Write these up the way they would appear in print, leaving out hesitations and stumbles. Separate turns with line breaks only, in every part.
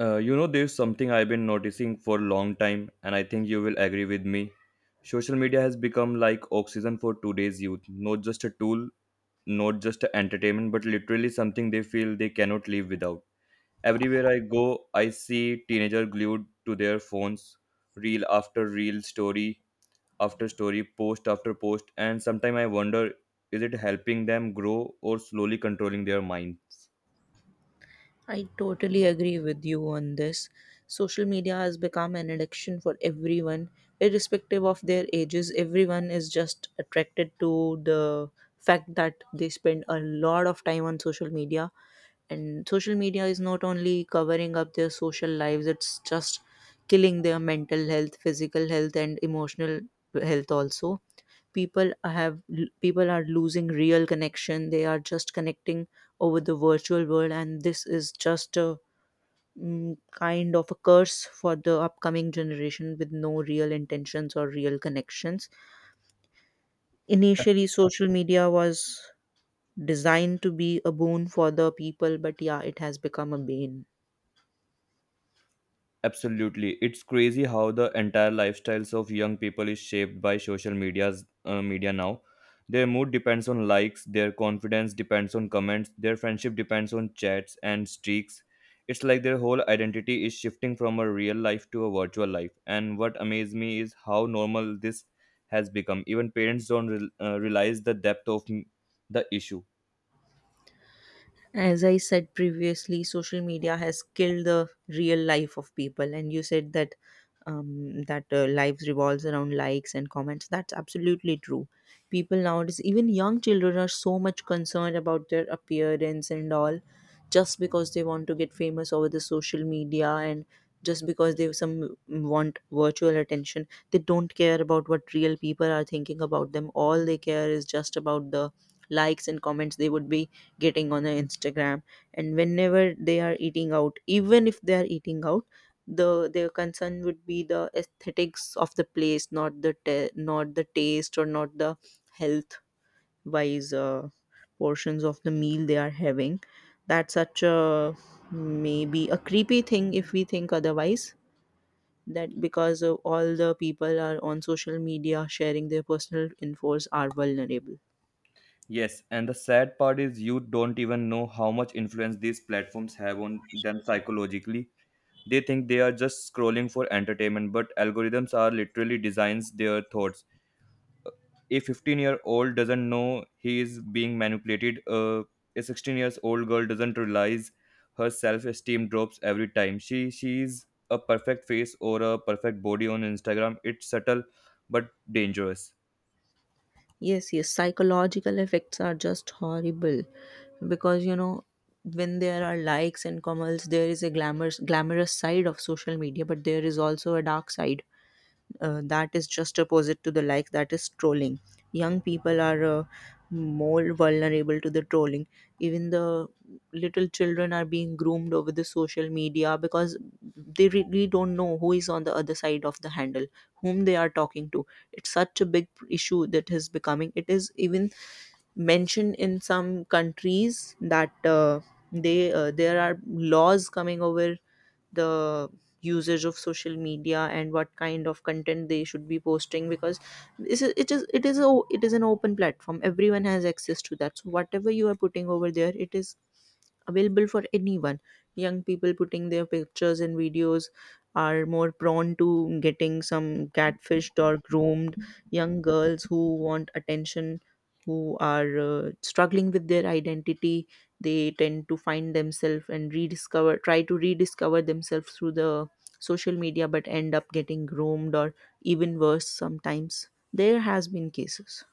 There's something I've been noticing for a long time, and I think you will agree with me. Social media has become like oxygen for today's youth, not just a tool, not just a entertainment, but literally something they feel they cannot live without. Everywhere I go, I see teenager glued to their phones, reel after reel, story after story, post after post, and sometimes I wonder, is it helping them grow or slowly controlling their minds?
I totally agree with you on this. Social media has become an addiction for everyone, irrespective of their ages. Everyone is just attracted to the fact that they spend a lot of time on social media. And social media is not only covering up their social lives, it's just killing their mental health, physical health, and emotional health also. people have People are losing real connection, they are just connecting over the virtual world, and this is just a kind of a curse for the upcoming generation with no real intentions or real connections. Initially social media was designed to be a boon for the people, but yeah, it has become a bane.
Absolutely. It's crazy how the entire lifestyles of young people is shaped by social media now. Their mood depends on likes, their confidence depends on comments, their friendship depends on chats and streaks. It's like their whole identity is shifting from a real life to a virtual life. And what amazed me is how normal this has become. Even parents don't realize the depth of the issue.
As I said previously, social media has killed the real life of people, and you said that life revolves around likes and comments. That's absolutely true. People nowadays, even young children, are so much concerned about their appearance and all, just because they want to get famous over the social media, and just because they want virtual attention. They don't care about what real people are thinking about them. All they care is just about the likes and comments they would be getting on their Instagram. And whenever they are eating out, even if they are eating out, their concern would be the aesthetics of the place, not the not the taste or not the health wise portions of the meal they are having. That's such a maybe a creepy thing if we think otherwise, that because all the people are on social media sharing their personal infos are vulnerable.
Yes, and the sad part is you don't even know how much influence these platforms have on them psychologically. They think they are just scrolling for entertainment, but algorithms are literally designs their thoughts. A 15-year-old doesn't know he is being manipulated. A 16 years old girl doesn't realize her self esteem drops every time. She sees a perfect face or a perfect body on Instagram. It's subtle but dangerous.
Yes, yes, psychological effects are just horrible, because you know, when there are likes and comments, there is a glamorous side of social media, but there is also a dark side, that is just opposite to the like, that is trolling. Young people are more vulnerable to the trolling. Even the little children are being groomed over the social media, because they really don't know who is on the other side of the handle, whom they are talking to. It's such a big issue that is becoming, it is even mentioned in some countries that they there are laws coming over the usage of social media and what kind of content they should be posting, because it is, it is an open platform, everyone has access to that, so whatever you are putting over there, it is available for anyone. Young people putting their pictures and videos are more prone to getting some catfished or groomed. Young girls who want attention, who are struggling with their identity, they tend to find themselves and rediscover try to rediscover themselves through the social media, but end up getting groomed or even worse sometimes. There has been cases.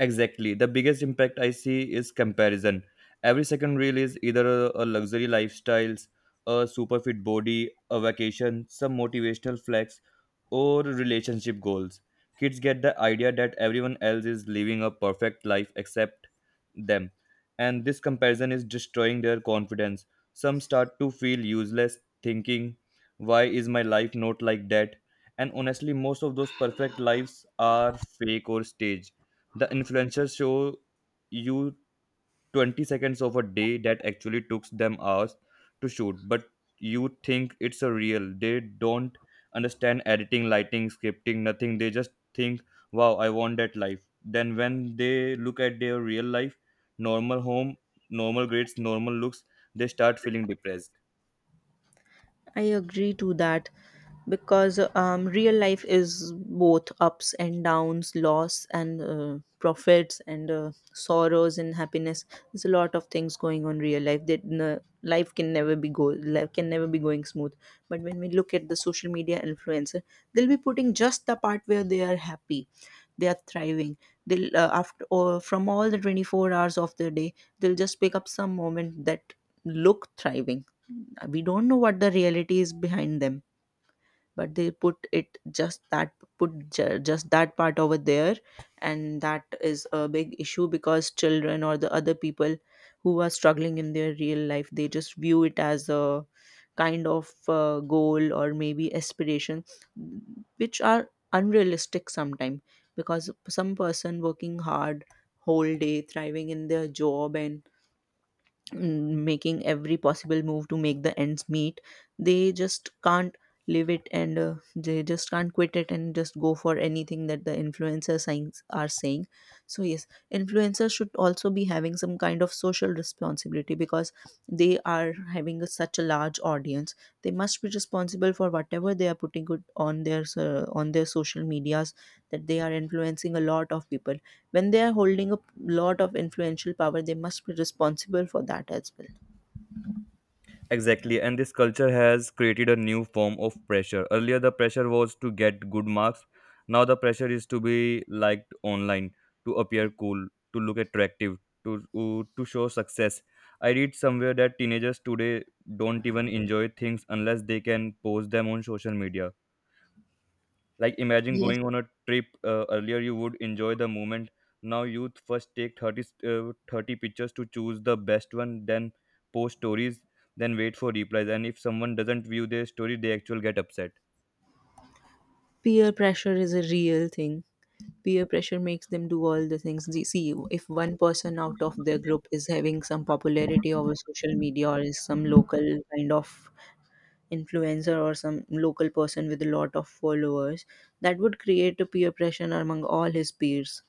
Exactly. The biggest impact I see is comparison. Every second reel is either a luxury lifestyles, a super fit body, a vacation, some motivational flex, or relationship goals. Kids get the idea that everyone else is living a perfect life except them. And this comparison is destroying their confidence. Some start to feel useless, thinking, why is my life not like that? And honestly, most of those perfect lives are fake or staged. The influencers show you 20 seconds of a day that actually took them hours to shoot, but you think it's a real. They don't understand editing, lighting, scripting, nothing. They just think, wow, I want that life. Then when they look at their real life, normal home, normal grades, normal looks, they start feeling depressed.
I agree to that, because real life is both ups and downs, loss and profits, and sorrows and happiness. There's a lot of things going on real life. Life can never be go life can never be going smooth. But when we look at the social media influencer, they'll be putting just the part where they are happy, they are thriving. They'll after or from all the 24 hours of the day, they'll just pick up some moment that look thriving. We don't know what the reality is behind them, but they put it just that, just that part over there. And that is a big issue, because children or the other people who are struggling in their real life, they just view it as a kind of goal or maybe aspiration, which are unrealistic sometimes, because some person working hard whole day, thriving in their job, and making every possible move to make the ends meet, they just can't live it, and they just can't quit it and just go for anything that the influencers are saying. So yes, influencers should also be having some kind of social responsibility, because they are having such a large audience. They must be responsible for whatever they are putting it on their on their social medias, that they are influencing a lot of people. When they are holding a lot of influential power, they must be responsible for that as well.
Exactly, and this culture has created a new form of pressure. Earlier, the pressure was to get good marks. Now, the pressure is to be liked online, to appear cool, to look attractive, to show success. I read somewhere that teenagers today don't even enjoy things unless they can post them on social media. Like imagine
Yes,
going on a trip earlier, you would enjoy the moment. Now youth first take 30 pictures to choose the best one, then post stories, then wait for replies. And if someone doesn't view their story, they actually get upset.
peer pressure is a real thing. Peer pressure makes them do all the things they see. If one person out of their group is having some popularity over social media, or is some local kind of influencer or some local person with a lot of followers, that would create a peer pressure among all his peers.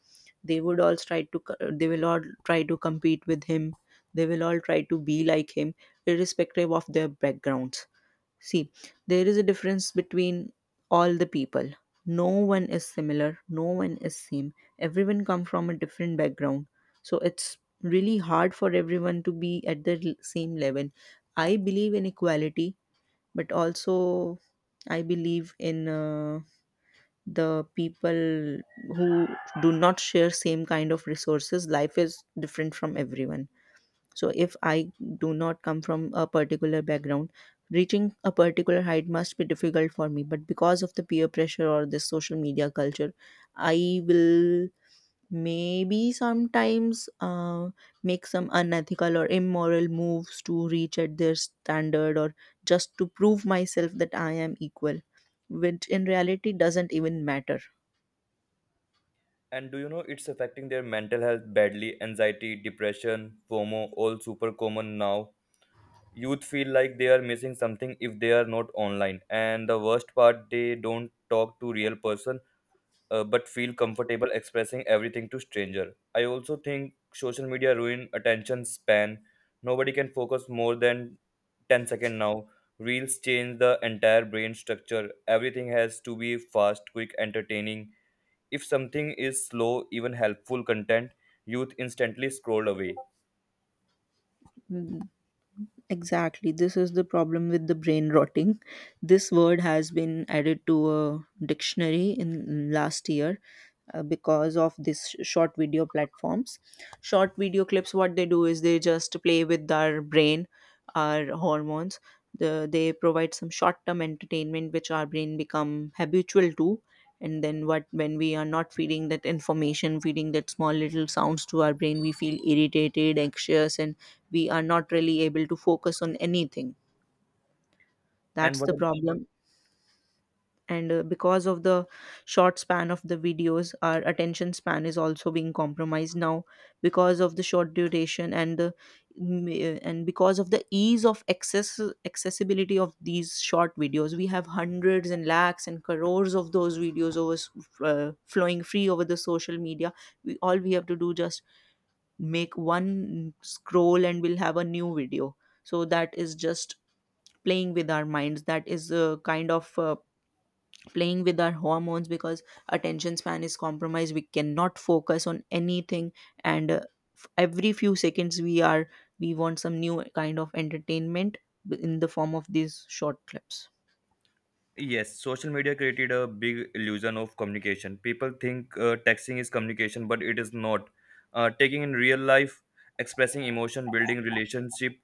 They would all try to co- they will all try to compete with him, they will all try to be like him, irrespective of their backgrounds. See, there is a difference between all the people. No one is similar, no one is same, everyone come from a different background. So it's really hard for everyone to be at the same level. I believe in equality, but also I believe in the people who do not share same kind of resources. Life is different from everyone. So if I do not come from a particular background, reaching a particular height must be difficult for me. But because of the peer pressure or this social media culture, I will maybe sometimes make some unethical or immoral moves to reach at their standard, or just to prove myself that I am equal, which in reality doesn't even matter.
And do you know it's affecting their mental health badly? Anxiety, depression, FOMO, all super common now. Youth feel like they are missing something if they are not online. And the worst part, they don't talk to real person, but feel comfortable expressing everything to stranger. I also think social media ruin attention span. Nobody can focus more than 10 second now. Reels change the entire brain structure. Everything has to be fast, quick, entertaining. If something is slow, even helpful content, youth instantly scroll away.
Mm. Exactly. This is the problem with the brain rotting. This word has been added to a dictionary in last year, because of this short video platforms. Short video clips, what they do is they just play with our brain, our hormones. They provide some short-term entertainment which our brain become habitual to, and then what, when we are not feeding that information, feeding that small little sounds to our brain, we feel irritated, anxious, and we are not really able to focus on anything.
And
That's
what?
the problem. And because of the short span of the videos, our attention span is also being compromised now, because of the short duration and the and because of the ease of accessibility of these short videos, we have hundreds and lakhs and crores of those videos over flowing free over the social media. We all we have to do just make one scroll and we'll have a new video. So that is just playing with our minds, that is kind of playing with our hormones, because attention span is compromised, we cannot focus on anything, and every few seconds we are, we want some new kind of entertainment in the form of these short clips.
Yes, social media created a big illusion of communication. People think texting is communication, but it is not. Taking in real life, expressing emotion, building relationship,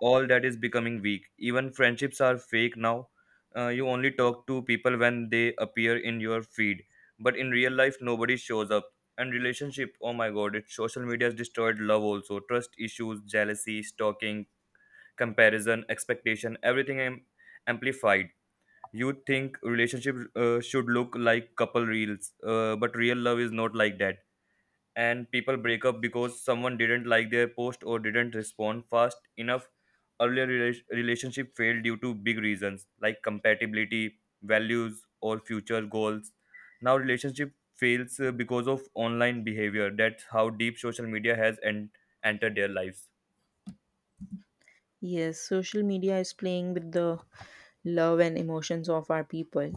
all that is becoming weak. Even friendships are fake now. You only talk to people when they appear in your feed, but in real life, nobody shows up. And relationship, oh my god, it social media has destroyed love also. Trust issues, jealousy, stalking, comparison, expectation, everything amplified. You think relationship should look like couple reels, but real love is not like that. And people break up because someone didn't like their post or didn't respond fast enough. Earlier relationship failed due to big reasons like compatibility, values, or future goals. Now relationship fails because of online behavior. That's how deep social media has entered their lives.
Yes, social media is playing with the love and emotions of our people.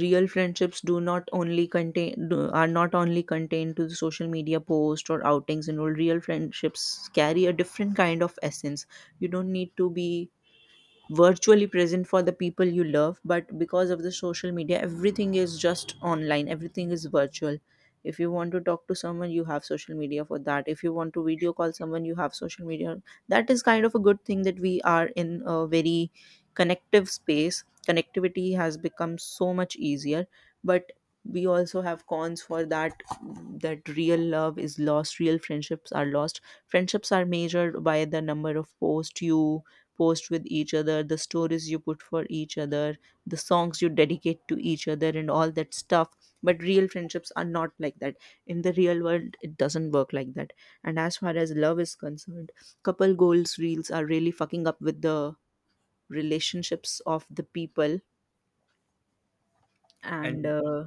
Real friendships do not only are not only contained to the social media post or outings and all. Real friendships carry a different kind of essence. You don't need to be virtually present for the people you love, but because of the social media, everything is just online, everything is virtual. If you want to talk to someone, you have social media for that. If you want to video call someone, you have social media. That is kind of a good thing, that we are in a very connective space connectivity has become so much easier. But we also have cons for that, that real love is lost, real friendships are lost. Friendships are measured by the number of posts you post with each other, the stories you put for each other, the songs you dedicate to each other, and all that stuff. But real friendships are not like that. In the real world, it doesn't work like that. And as far as love is concerned, couple goals reels are really fucking up with the relationships of the people and
And
uh,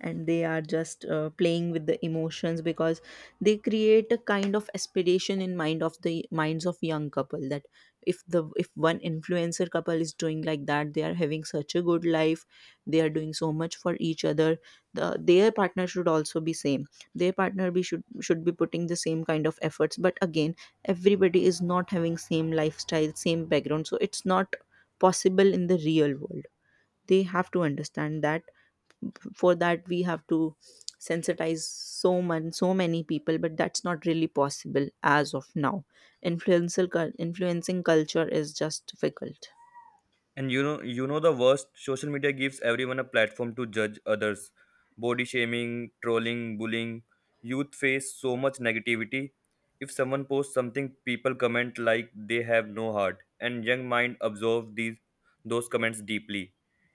and they are just playing with the emotions because they create a kind of aspiration in mind of the minds of young couple that if one influencer couple is doing like that, they are having such a good life, they are doing so much for each other, their partner should also be same, their partner be should be putting the same kind of efforts. But again, everybody is not having same lifestyle, same background, so it's not possible in the real world. They have to understand that. For that, we have to sensitize so many people, but that's not really possible as of now. Influencing culture is just difficult.
And you know the worst. Social media gives everyone a platform to judge others. Body shaming, trolling, bullying. Youth face so much negativity. If someone posts something, people comment like they have no heart, and young mind absorb these those comments deeply.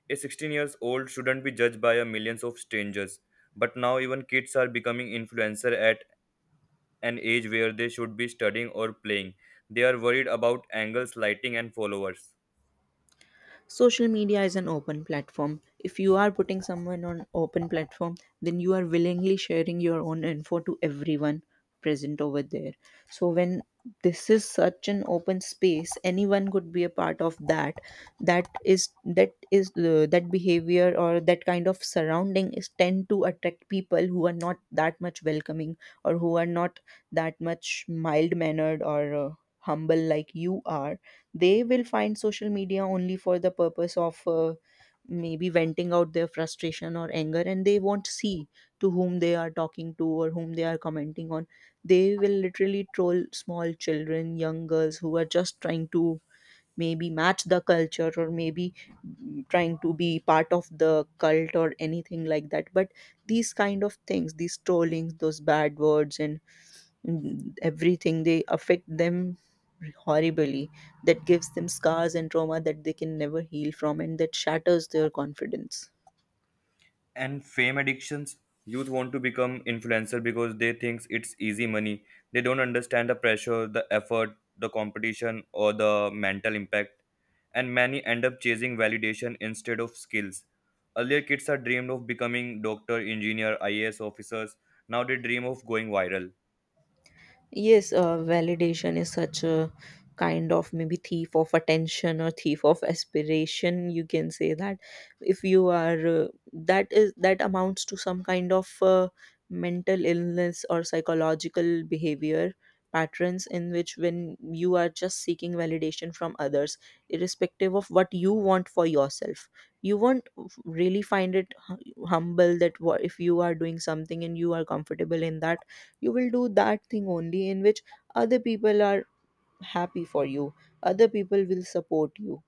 A 16 years old shouldn't be judged by a millions of strangers. But now even kids are becoming influencer at an age where they should be studying or playing. They are worried about angles, lighting, and followers.
Social media is an open platform. If you are putting someone on open platform, then you are willingly sharing your own info to everyone present over there. So when this is such an open space, anyone could be a part of that. That is that is the that behavior or that kind of surrounding is tend to attract people who are not that much welcoming, or who are not that much mild mannered, or humble like you are. They will find social media only for the purpose of maybe venting out their frustration or anger, and they won't see to whom they are talking to or whom they are commenting on. They will literally troll small children, young girls, who are just trying to maybe match the culture, or maybe trying to be part of the cult or anything like that. But these kind of things, these trollings, those bad words, and everything, they affect them horribly. That gives them scars and trauma that they can never heal from, and that shatters their confidence.
And fame addictions. Youth want to become influencer because they think it's easy money. They don't understand the pressure, the effort, the competition, or the mental impact. And many end up chasing validation instead of skills. Earlier kids are dreamed of becoming doctor engineer IAS officers. Now they dream of going viral.
Yes, validation is such a kind of maybe thief of attention or thief of aspiration. You can say that if you are that amounts to some kind of mental illness or psychological behavior patterns, in which when you are just seeking validation from others irrespective of what you want for yourself, you won't really find it humble that if you are doing something and you are comfortable in that, you will do that thing only in which other people are happy for you, other people will support you.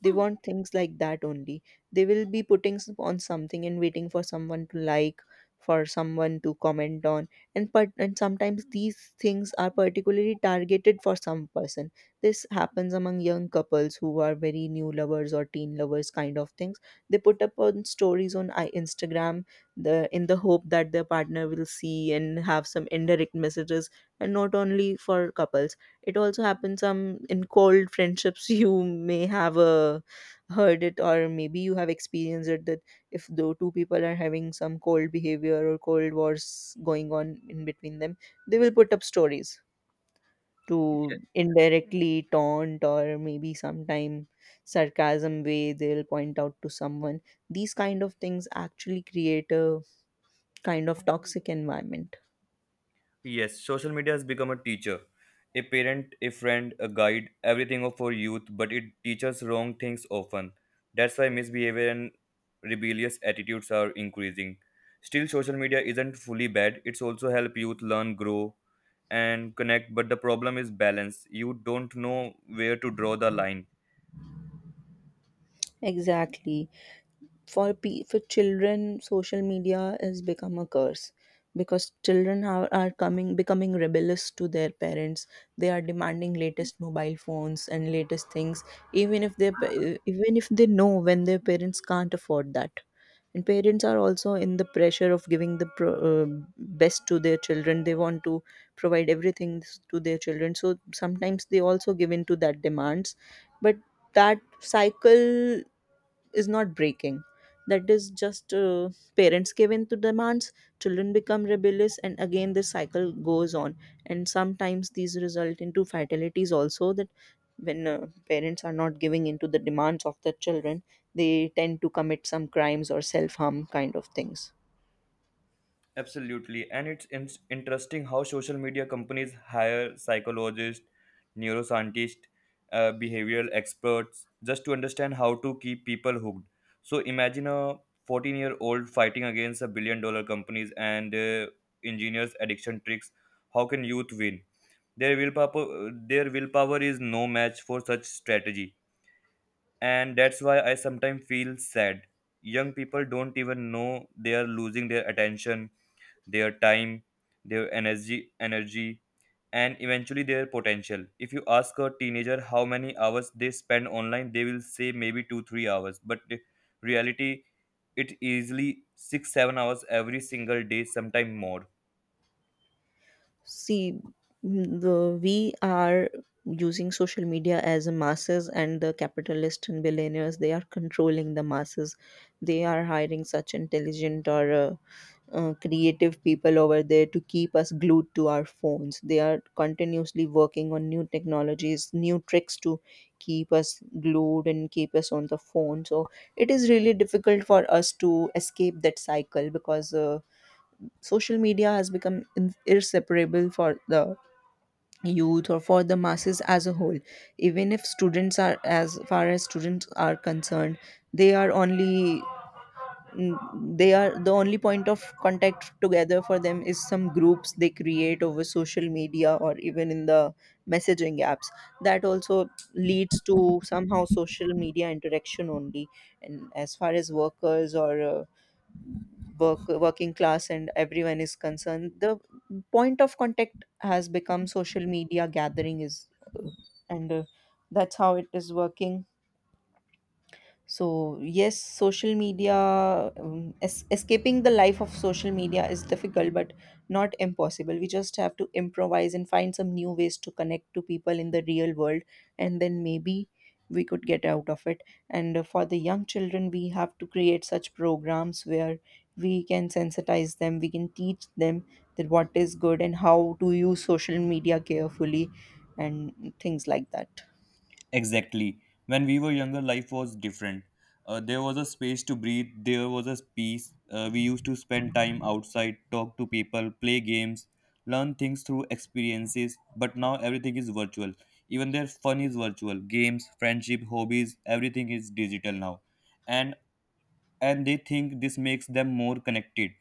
They want things like that only. They will be putting on something and waiting for someone to like, for someone to comment on. And sometimes these things are particularly targeted for some person. This happens among young couples who are very new lovers or teen lovers kind of things. They put up on stories on Instagram the in the hope that their partner will see and have some indirect messages. And not only for couples, it also happens some in cold friendships. You may have heard it, or maybe you have experienced it, that if the two people are having some cold behavior or cold wars going on in between them, they will put up stories to indirectly taunt, or maybe sometime sarcasm way they'll point out to someone. These kind of things actually create a kind of toxic environment.
Yes, social media has become a teacher, a parent, a friend, a guide, everything of for youth, but it teaches wrong things often. That's why misbehavior and rebellious attitudes are increasing. Still, social media isn't fully bad. It's also help youth learn, grow, and connect. But the problem is balance. You don't know where to draw the line.
Exactly. For children, social media has become a curse, because children are coming becoming rebellious to their parents. They are demanding latest mobile phones and latest things, even if they even if they know when their parents can't afford that. And parents are also in the pressure of giving the best to their children. They want to provide everything to their children, so sometimes they also give in to that demands. But that cycle is not breaking. That is just parents give in to demands, children become rebellious, and again this cycle goes on. And sometimes these result into fatalities also. That when parents are not giving into the demands of their children, they tend to commit some crimes or self harm kind of things.
Absolutely. And it's interesting how social media companies hire psychologists, neuroscientists, behavioral experts just to understand how to keep people hooked. So imagine a 14-year-old fighting against a billion dollar companies and engineers addiction tricks. How can youth win? Their willpower is no match for such strategy. And that's why I sometimes feel sad. Young people don't even know they are losing their attention, their time, their energy, and eventually their potential. If you ask a teenager how many hours they spend online, they will say maybe two, 3 hours. But the reality, it easily six, 7 hours every single day, sometime more.
See, m- the we are using social media as a masses, and the capitalists and billionaires, they are controlling the masses. They are hiring such intelligent or creative people over there to keep us glued to our phones. They are continuously working on new technologies, new tricks to keep us glued and keep us on the phone. So it is really difficult for us to escape that cycle, because social media has become inseparable for the youth or for the masses as a whole. Even if students are, as far as students are concerned, they are only they are the only point of contact together for them is some groups they create over social media or even in the messaging apps. That also leads to somehow social media interaction only. And as far as workers or work working class and everyone is concerned, the point of contact has become social media. Gathering is uh, and that's how it is working. So yes, social media, escaping the life of social media is difficult, but not impossible. We just have to improvise and find some new ways to connect to people in the real world, and then maybe we could get out of it. And for the young children, we have to create such programs where we can sensitize them, we can teach them that what is good and how to use social media carefully, and things like that.
Exactly. When we were younger, life was different. There was a space to breathe, there was a peace. We used to spend time outside, talk to people, play games, learn things through experiences. But now everything is virtual. Even their fun is virtual. Games, friendship, hobbies, everything is digital now. And and they think this makes them more connected.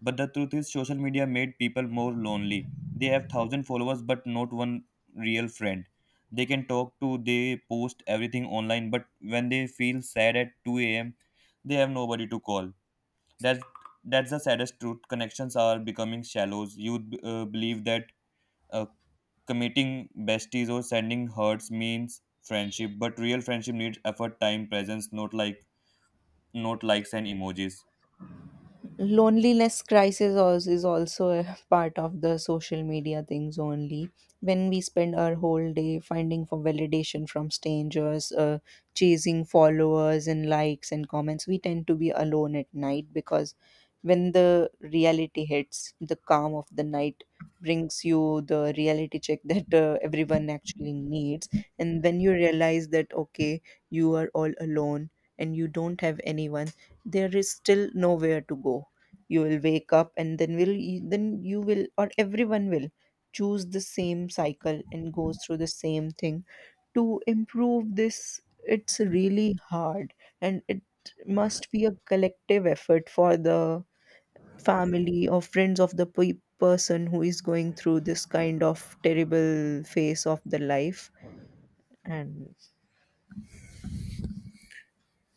But the truth is, social media made people more lonely. They have thousand followers, but not one real friend. They can talk to, they post everything online, but when they feel sad at 2 a.m., they have nobody to call. That that's the saddest truth. Connections are becoming shallows. You believe that uh, committing besties or sending hurts means friendship, but real friendship needs effort, time, presence, not likes and emojis.
Loneliness crisis is also a part of the social media things only. When we spend our whole day finding for validation from strangers, chasing followers and likes and comments, we tend to be alone at night, because when the reality hits, the calm of the night brings you the reality check that everyone actually needs. And when you realize that okay, you are all alone and you don't have anyone, there is still nowhere to go, you will wake up, and then you will, or everyone will, choose the same cycle and goes through the same thing. To improve this, it's really hard, and it must be a collective effort for the family or friends of the person who is going through this kind of terrible phase of the life. And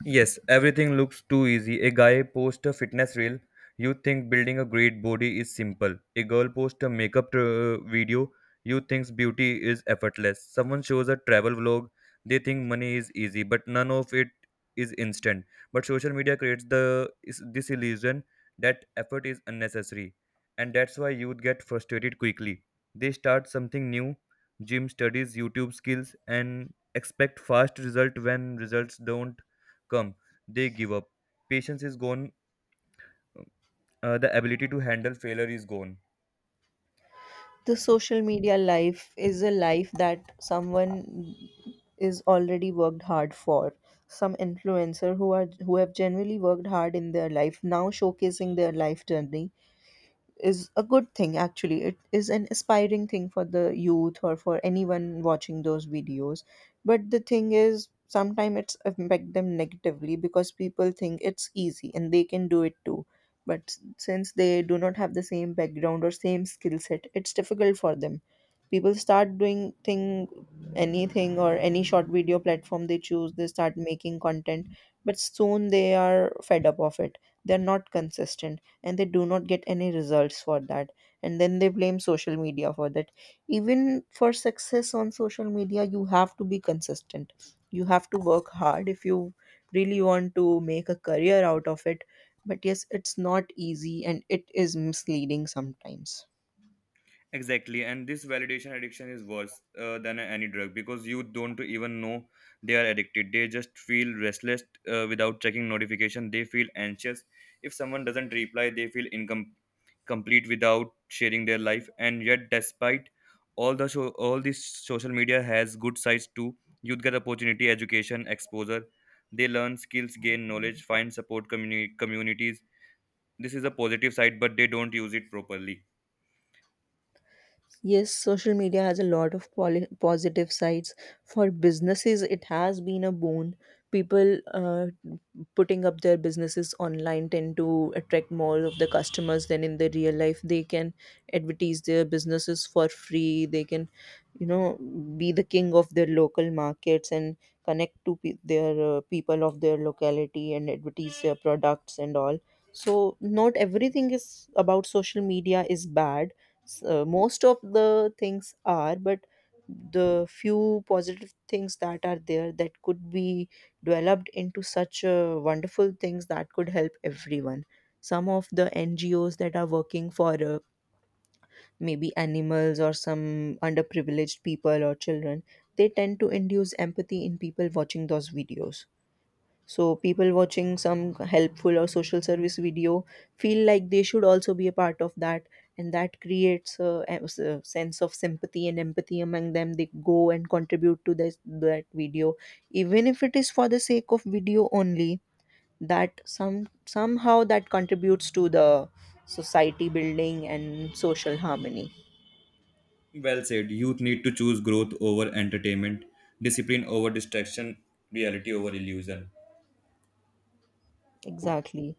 Yes, everything looks too easy. A guy posts a fitness reel. You think building a great body is simple. A girl posts a makeup video. You think beauty is effortless. Someone shows a travel vlog. They think money is easy, but none of it is instant. But social media creates the is this illusion that effort is unnecessary, and that's why youth get frustrated quickly. They start something new, gym studies, YouTube skills, and expect fast result. When results don't come, they give up. Patience is gone. The ability to handle failure is gone.
the social media life is a life that someone is already worked hard for. Some influencer who have generally worked hard in their life, now showcasing their life journey, is a good thing. Actually, it is an aspiring thing for the youth or for anyone watching those videos. But the thing is, sometimes it's affect them negatively, because people think it's easy and they can do it too. But since they do not have the same background or same skill set, it's difficult for them. People start doing thing, anything, or any short video platform they choose, they start making content. But soon they are fed up of it. They're not consistent, and they do not get any results for that. And then they blame social media for that. Even for success on social media, you have to be consistent, you have to work hard if you really want to make a career out of it. But yes, it's not easy, and it is misleading sometimes.
Exactly, and this validation addiction is worse than any drug because you don't even know they are addicted. They just feel restless, without checking notification. They feel anxious if someone doesn't reply. They feel incom complete without sharing their life. And yet, despite all the show, all this social media has good sides too. Youth get opportunity, education, exposure. They learn skills, gain knowledge, find support communities. This is a positive side, but they don't use it properly.
Yes, social media has a lot of positive sides. For businesses, it has been a boon. People putting up their businesses online tend to attract more of the customers than in the real life. They can advertise their businesses for free. They can, you know, be the king of their local markets and connect to their people of their locality and advertise their products and all. So, not everything is about social media is bad, so most of the things are, but the few positive things that are there that could be developed into such wonderful things that could help everyone. Some of the NGOs that are working for maybe animals or some underprivileged people or children, they tend to induce empathy in people watching those videos. So people watching some helpful or social service video feel like they should also be a part of that, and that creates a a sense of sympathy and empathy among them. They go and contribute to this that video, even if it is for the sake of video only. That somehow that contributes to the society building and social harmony.
Well said. Youth need to choose growth over entertainment, discipline over distraction, reality over illusion.
Exactly.